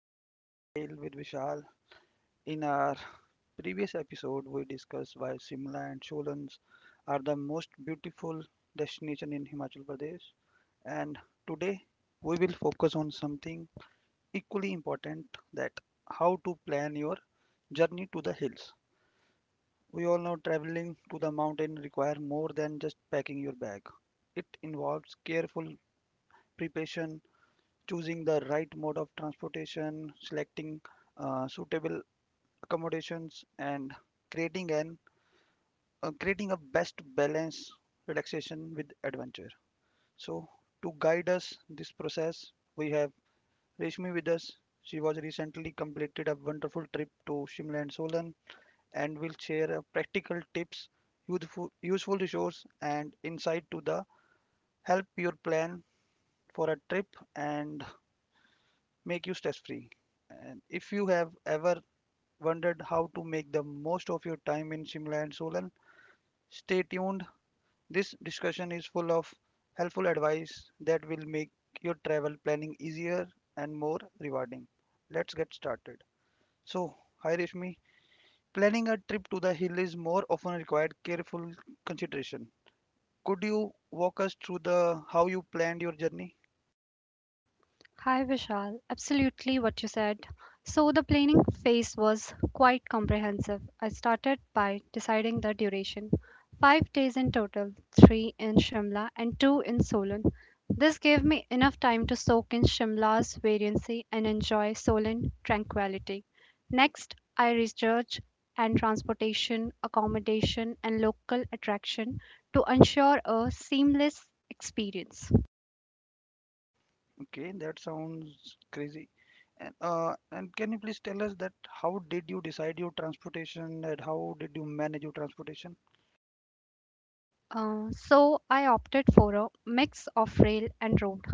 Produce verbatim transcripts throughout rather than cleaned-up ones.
to our travel tale with Vishal. In our previous episode, we discussed why Simla and Cholans are the most beautiful destination in Himachal Pradesh. And today, we will focus on something equally important that how to plan your journey to the hills. We all know traveling to the mountain require more than just packing your bag. It involves careful preparation, choosing the right mode of transportation, selecting uh, suitable accommodations, and creating an uh, creating a best balance relaxation with adventure. So to guide us this process, we have Reshmi with us. She was recently completed a wonderful trip to Shimla and Solan, and will share uh, practical tips, useful useful resources, and insight to the help your plan for a trip and make you stress free. And if you have ever wondered how to make the most of your time in Shimla and Solan, stay tuned. This discussion is full of helpful advice that will make your travel planning easier and more rewarding. Let's get started. So, hi Rishmi, planning a trip to the hill is more often required careful consideration. Could you walk us through the how you planned your journey? Hi Vishal, absolutely what you said. So the planning phase was quite comprehensive. I started by deciding the duration. Five days in total, three in Shimla and two in Solon. This gave me enough time to soak in Shimla's variancy and enjoy Solon tranquility. Next, I researched and transportation, accommodation and local attraction to ensure a seamless experience. Okay, that sounds crazy. And uh, and can you please tell us that how did you decide your transportation and how did you manage your transportation? Uh, so I opted for a mix of rail and road.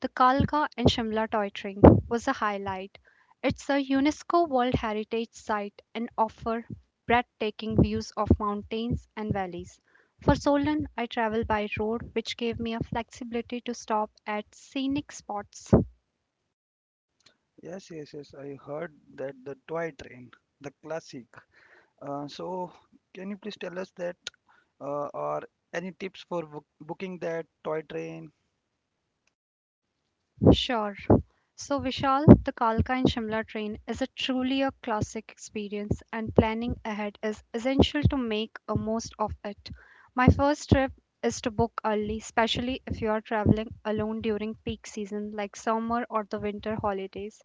The Kalka and Shimla toy train was a highlight. It's a UNESCO World Heritage Site and offers breathtaking views of mountains and valleys. For Solan, I traveled by road, which gave me a flexibility to stop at scenic spots. Yes, yes, yes. I heard that the toy train, the classic. Uh, so can you please tell us that uh, or any tips for book booking that toy train? Sure. So, Vishal, the Kalka and Shimla train is a truly a classic experience, and planning ahead is essential to make a most of it. My first trip is to book early, especially if you are traveling alone during peak season like summer or the winter holidays.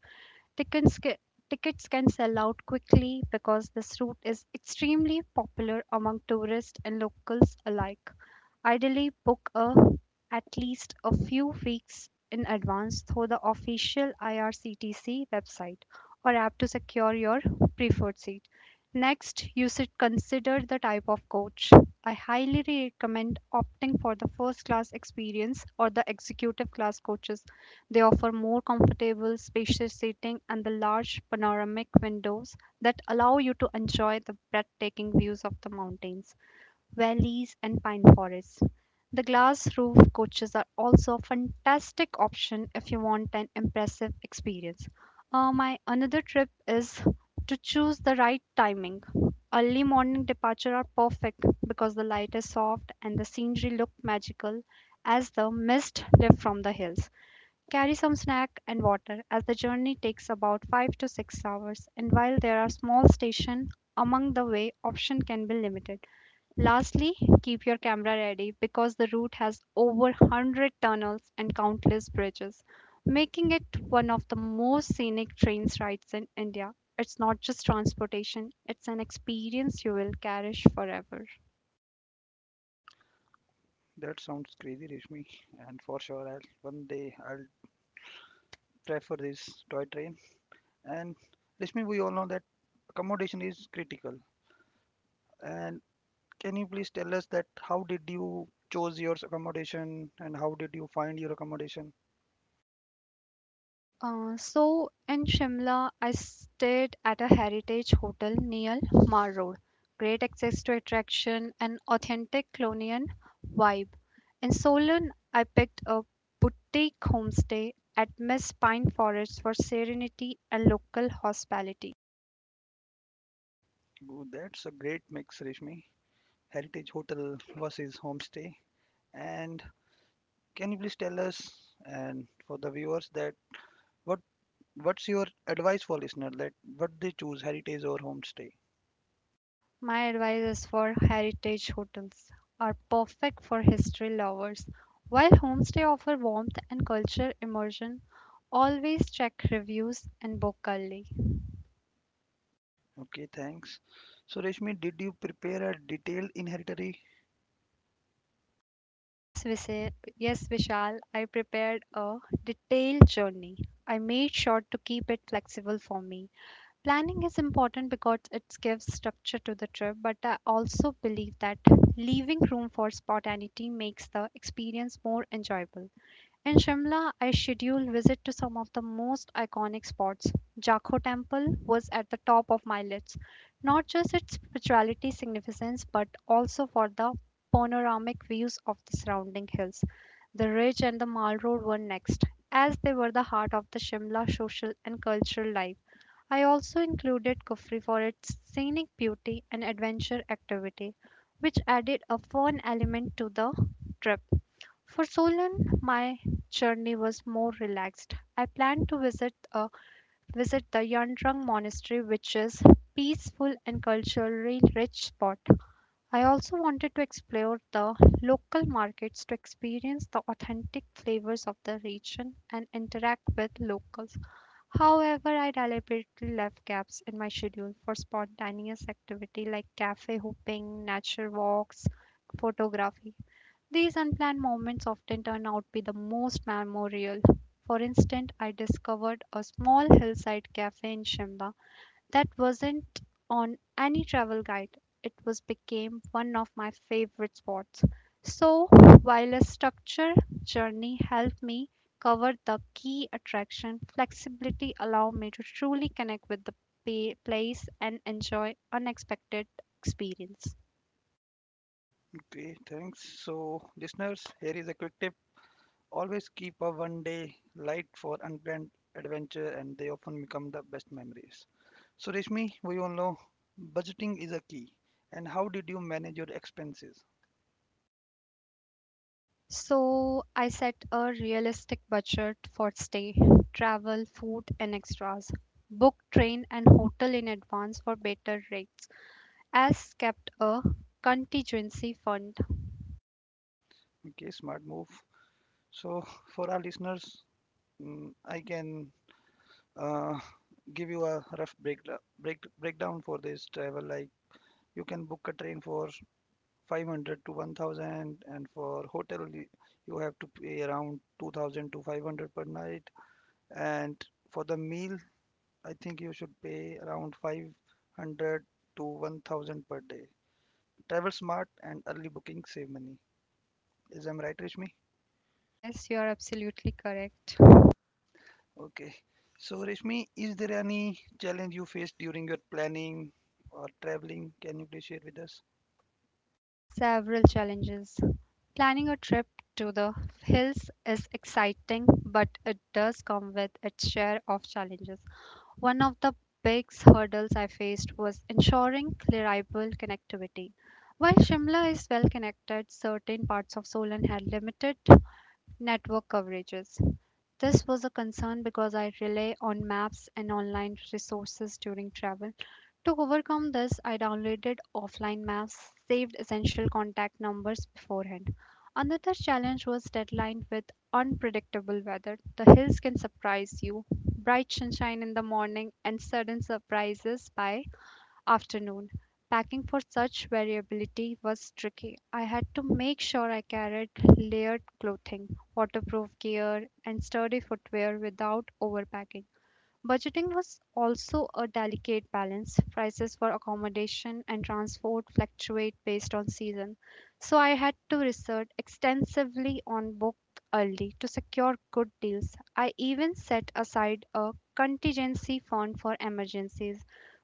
Tickets, ca- tickets can sell out quickly because this route is extremely popular among tourists and locals alike. Ideally, book a, at least a few weeks in advance through the official I R C T C website or app to secure your preferred seat. Next, you should consider the type of coach. I highly recommend opting for the first class experience or the executive class coaches they offer more comfortable, spacious seating and the large panoramic windows that allow you to enjoy the breathtaking views of the mountains, valleys, and pine forests. The glass roof coaches are also a fantastic option if you want an impressive experience. Uh, my another trip is to choose the right timing. Early morning departure are perfect because the light is soft and the scenery look magical as the mist lifts from the hills. Carry some snack and water as the journey takes about five to six hours and while there are small stations among the way option can be limited. Lastly, keep your camera ready because the route has over one hundred tunnels and countless bridges, making it one of the most scenic train rides in India. It's not just transportation, it's an experience you will cherish forever. That sounds crazy, Rishmi. And for sure, I'll one day I'll prefer this toy train. And Rishmi, we all know that accommodation is critical, and can you please tell us that how did you choose your accommodation and how did you find your accommodation? Uh, so in Shimla, I stayed at a heritage hotel near Mar Road. Great access to attraction and authentic colonial vibe. In Solon, I picked a boutique homestay at Miss Pine Forest for serenity and local hospitality. Ooh, that's a great mix, Reshmi. Heritage hotel versus homestay. And can you please tell us and for the viewers that what what's your advice for listener that what they choose, heritage or homestay? My advice is for heritage hotels are perfect for history lovers. While homestay offer warmth and culture immersion, always check reviews and book early. Okay, thanks. So Reshmi, did you prepare a detailed inventory? Yes, Vise- yes, Vishal, I prepared a detailed journey. I made sure to keep it flexible for me. Planning is important because it gives structure to the trip, but I also believe that leaving room for spontaneity makes the experience more enjoyable. In Shimla, I scheduled visit to some of the most iconic spots. Jakho Temple was at the top of my list, not just its spirituality significance, but also for the panoramic views of the surrounding hills. The ridge and the Mall Road were next, as they were the heart of the Shimla social and cultural life. I also included Kufri for its scenic beauty and adventure activity, which added a fun element to the trip. For Solan, my journey was more relaxed. I planned to visit uh, visit the Yandrang Monastery, which is peaceful and culturally rich spot. I also wanted to explore the local markets to experience the authentic flavors of the region and interact with locals. However, I deliberately left gaps in my schedule for spontaneous activity like cafe hopping, nature walks, photography. These unplanned moments often turn out to be the most memorable. For instance, I discovered a small hillside cafe in Shimla that wasn't on any travel guide. It was became one of my favorite spots. So, while a structured journey helped me cover the key attraction, flexibility allowed me to truly connect with the pa- place and enjoy unexpected experience. Okay, thanks. So listeners, here is a quick tip. Always keep a one day light for unplanned adventure and they often become the best memories. So Reshmi, we all know budgeting is a key. And how did you manage your expenses? So I set a realistic budget for stay, travel, food, and extras. Booked train and hotel in advance for better rates, as kept a contingency fund. Okay, smart move. So for our listeners, mm, I can uh, give you a rough break, break, breakdown for this travel. Like you can book a train for five hundred to one thousand, and for hotel y- you have to pay around two thousand to five hundred per night. And for the meal, I think you should pay around five hundred to one thousand per day. Travel smart and early booking save money. Is I'm right, Rishmi? Yes, you are absolutely correct. Huh, okay. So, Rishmi, is there any challenge you faced during your planning or traveling? Can you please share with us? Several challenges. Planning a trip to the hills is exciting, but it does come with its share of challenges. One of the big hurdles I faced was ensuring reliable connectivity. While Shimla is well connected, certain parts of Solan had limited network coverages. This was a concern because I rely on maps and online resources during travel. To overcome this, I downloaded offline maps, saved essential contact numbers beforehand. Another challenge was deadline with unpredictable weather. The hills can surprise you, bright sunshine in the morning, and sudden surprises by afternoon. Packing for such variability was tricky. I had to make sure I carried layered clothing, waterproof gear, and sturdy footwear without overpacking. Budgeting was also a delicate balance. Prices for accommodation and transport fluctuate based on season, so I had to research extensively on book early to secure good deals. I even set aside a contingency fund for emergencies,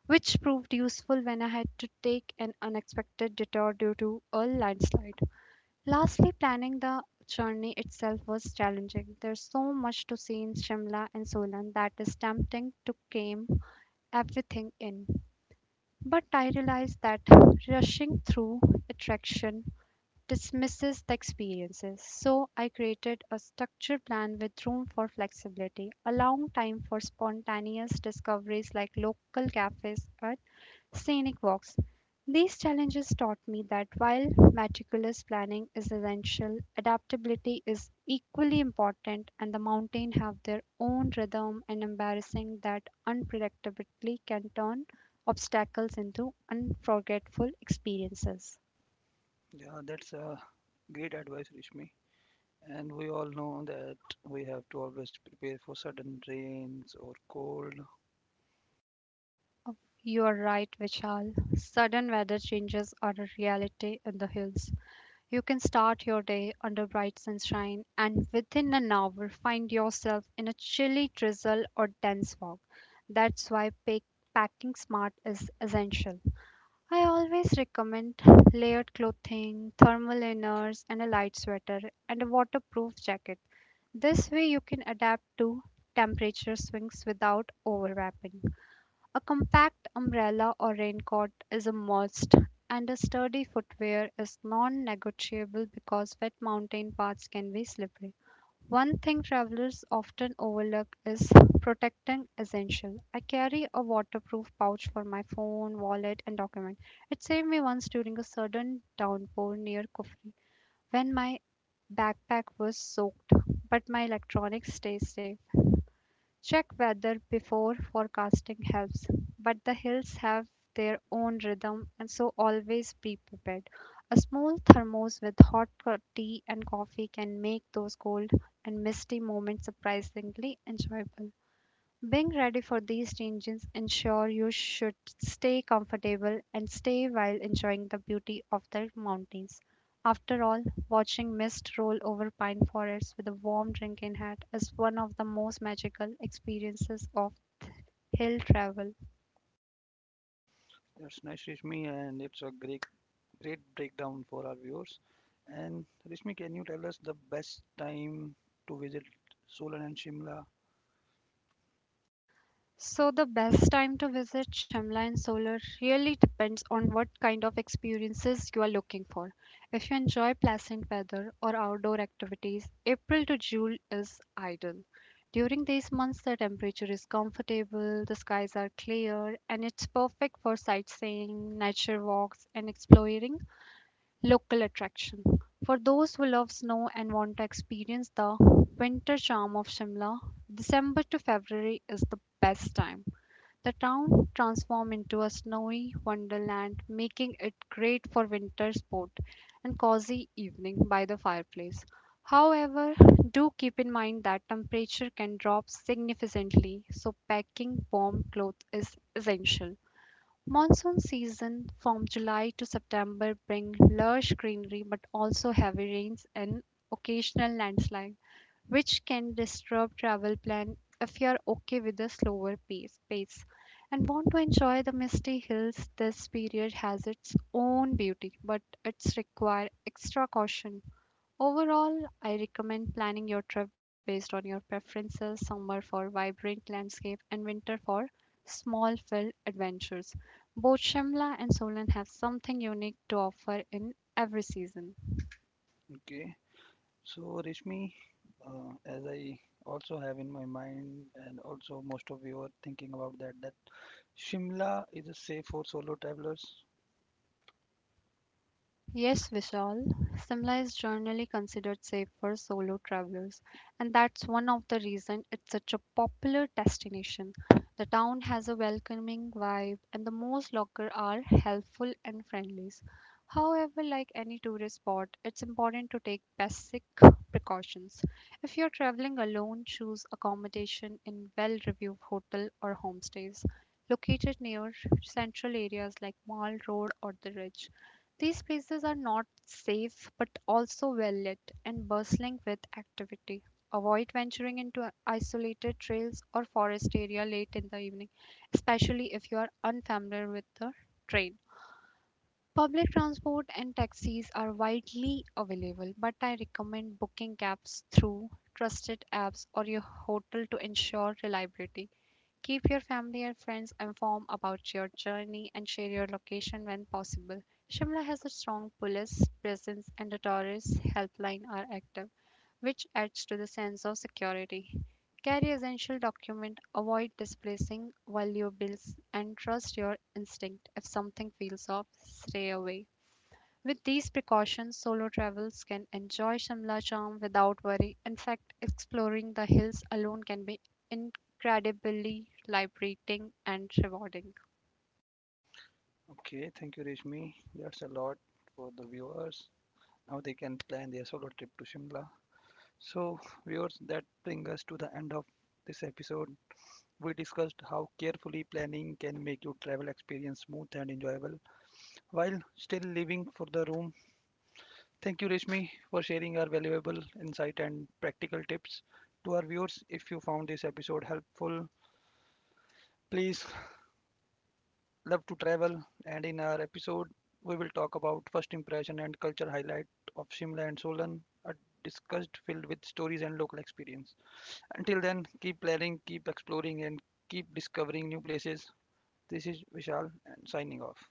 which proved useful when I had to take an unexpected detour due to a landslide. Lastly, planning the journey itself was challenging. There's so much to see in Shimla and Solan that is tempting to cram everything in. But I realized that rushing through attraction dismisses the experiences. So I created a structured plan with room for flexibility, allowing time for spontaneous discoveries like local cafes or scenic walks. These challenges taught me that while meticulous planning is essential, adaptability is equally important, and the mountains have their own rhythm and embarrassing that unpredictability can turn obstacles into unforgettable experiences. Yeah, that's a great advice, Rishmi. And we all know that we have to always prepare for sudden rains or cold. Oh, you are right, Vishal. Sudden weather changes are a reality in the hills. You can start your day under bright sunshine and within an hour find yourself in a chilly drizzle or dense fog. That's why pack- packing smart is essential. I always recommend layered clothing, thermal inners, and a light sweater and a waterproof jacket. This way, you can adapt to temperature swings without overwrapping. A compact umbrella or raincoat is a must, and a sturdy footwear is non negotiable because wet mountain paths can be slippery. One thing travelers often overlook is protecting essential. I carry a waterproof pouch for my phone, wallet, and document. It saved me once during a sudden downpour near Kufri when my backpack was soaked, but my electronics stayed safe. Check weather before forecasting helps, but the hills have their own rhythm and so always be prepared. A small thermos with hot co- tea and coffee can make those cold and misty moments surprisingly enjoyable. Being ready for these changes ensure you should stay comfortable and stay while enjoying the beauty of the mountains. After all, watching mist roll over pine forests with a warm drink in hand is one of the most magical experiences of hill travel. That's nice, Rishmi, and it's a great great breakdown for our viewers. And Rishmi, can you tell us the best time to visit Solan and Shimla? So, the best time to visit Shimla and Solar really depends on what kind of experiences you are looking for. If you enjoy pleasant weather or outdoor activities, April to June is ideal. During these months, the temperature is comfortable, the skies are clear, and it's perfect for sightseeing, nature walks, and exploring local attraction. For those who love snow and want to experience the winter charm of Shimla, December to February is the best time. The town transforms into a snowy wonderland, making it great for winter sport and cozy evening by the fireplace. However, do keep in mind that temperature can drop significantly, so packing warm clothes is essential. Monsoon season from July to September bring lush greenery but also heavy rains and occasional landslides which can disturb travel plan if you're okay with a slower pace, pace and want to enjoy the misty hills, this period has its own beauty, but it's require extra caution. Overall, I recommend planning your trip based on your preferences, summer for vibrant landscape and winter for small filled adventures. Both Shimla and Solan have something unique to offer in every season. Okay, so Rishmi, uh, as I also have in my mind, and also most of you are thinking about that, that Shimla is a safe for solo travelers. Yes, Vishal, Simla is generally considered safe for solo travelers, and that's one of the reasons it's such a popular destination. The town has a welcoming vibe, and the most locals are helpful and friendly. However, like any tourist spot, it's important to take basic precautions. If you're traveling alone, choose accommodation in well-reviewed hotel or homestays located near central areas like Mall Road or the Ridge. These places are not safe but also well lit and bustling with activity. Avoid venturing into isolated trails or forest area late in the evening, especially if you are unfamiliar with the terrain. Public transport and taxis are widely available, but I recommend booking cabs through trusted apps or your hotel to ensure reliability. Keep your family and friends informed about your journey and share your location when possible. Shimla has a strong police presence and the tourist helpline are active, which adds to the sense of security. Carry essential documents, avoid displacing valuables and trust your instinct. If something feels off, stay away. With these precautions, solo travels can enjoy Shimla charm without worry. In fact, exploring the hills alone can be incredibly liberating and rewarding. Okay, thank you, Rishmi. That's a lot for the viewers. Now they can plan their solo trip to Shimla. So, viewers, that brings us to the end of this episode. We discussed how carefully planning can make your travel experience smooth and enjoyable while still leaving for the room. Thank you, Rishmi, for sharing our valuable insight and practical tips. To our viewers, if you found this episode helpful, please love to travel. And in our episode, we will talk about first impression and culture highlight of Shimla and Solan, a discussed filled with stories and local experience. Until then, keep planning, keep exploring, and keep discovering new places. This is Vishal and signing off.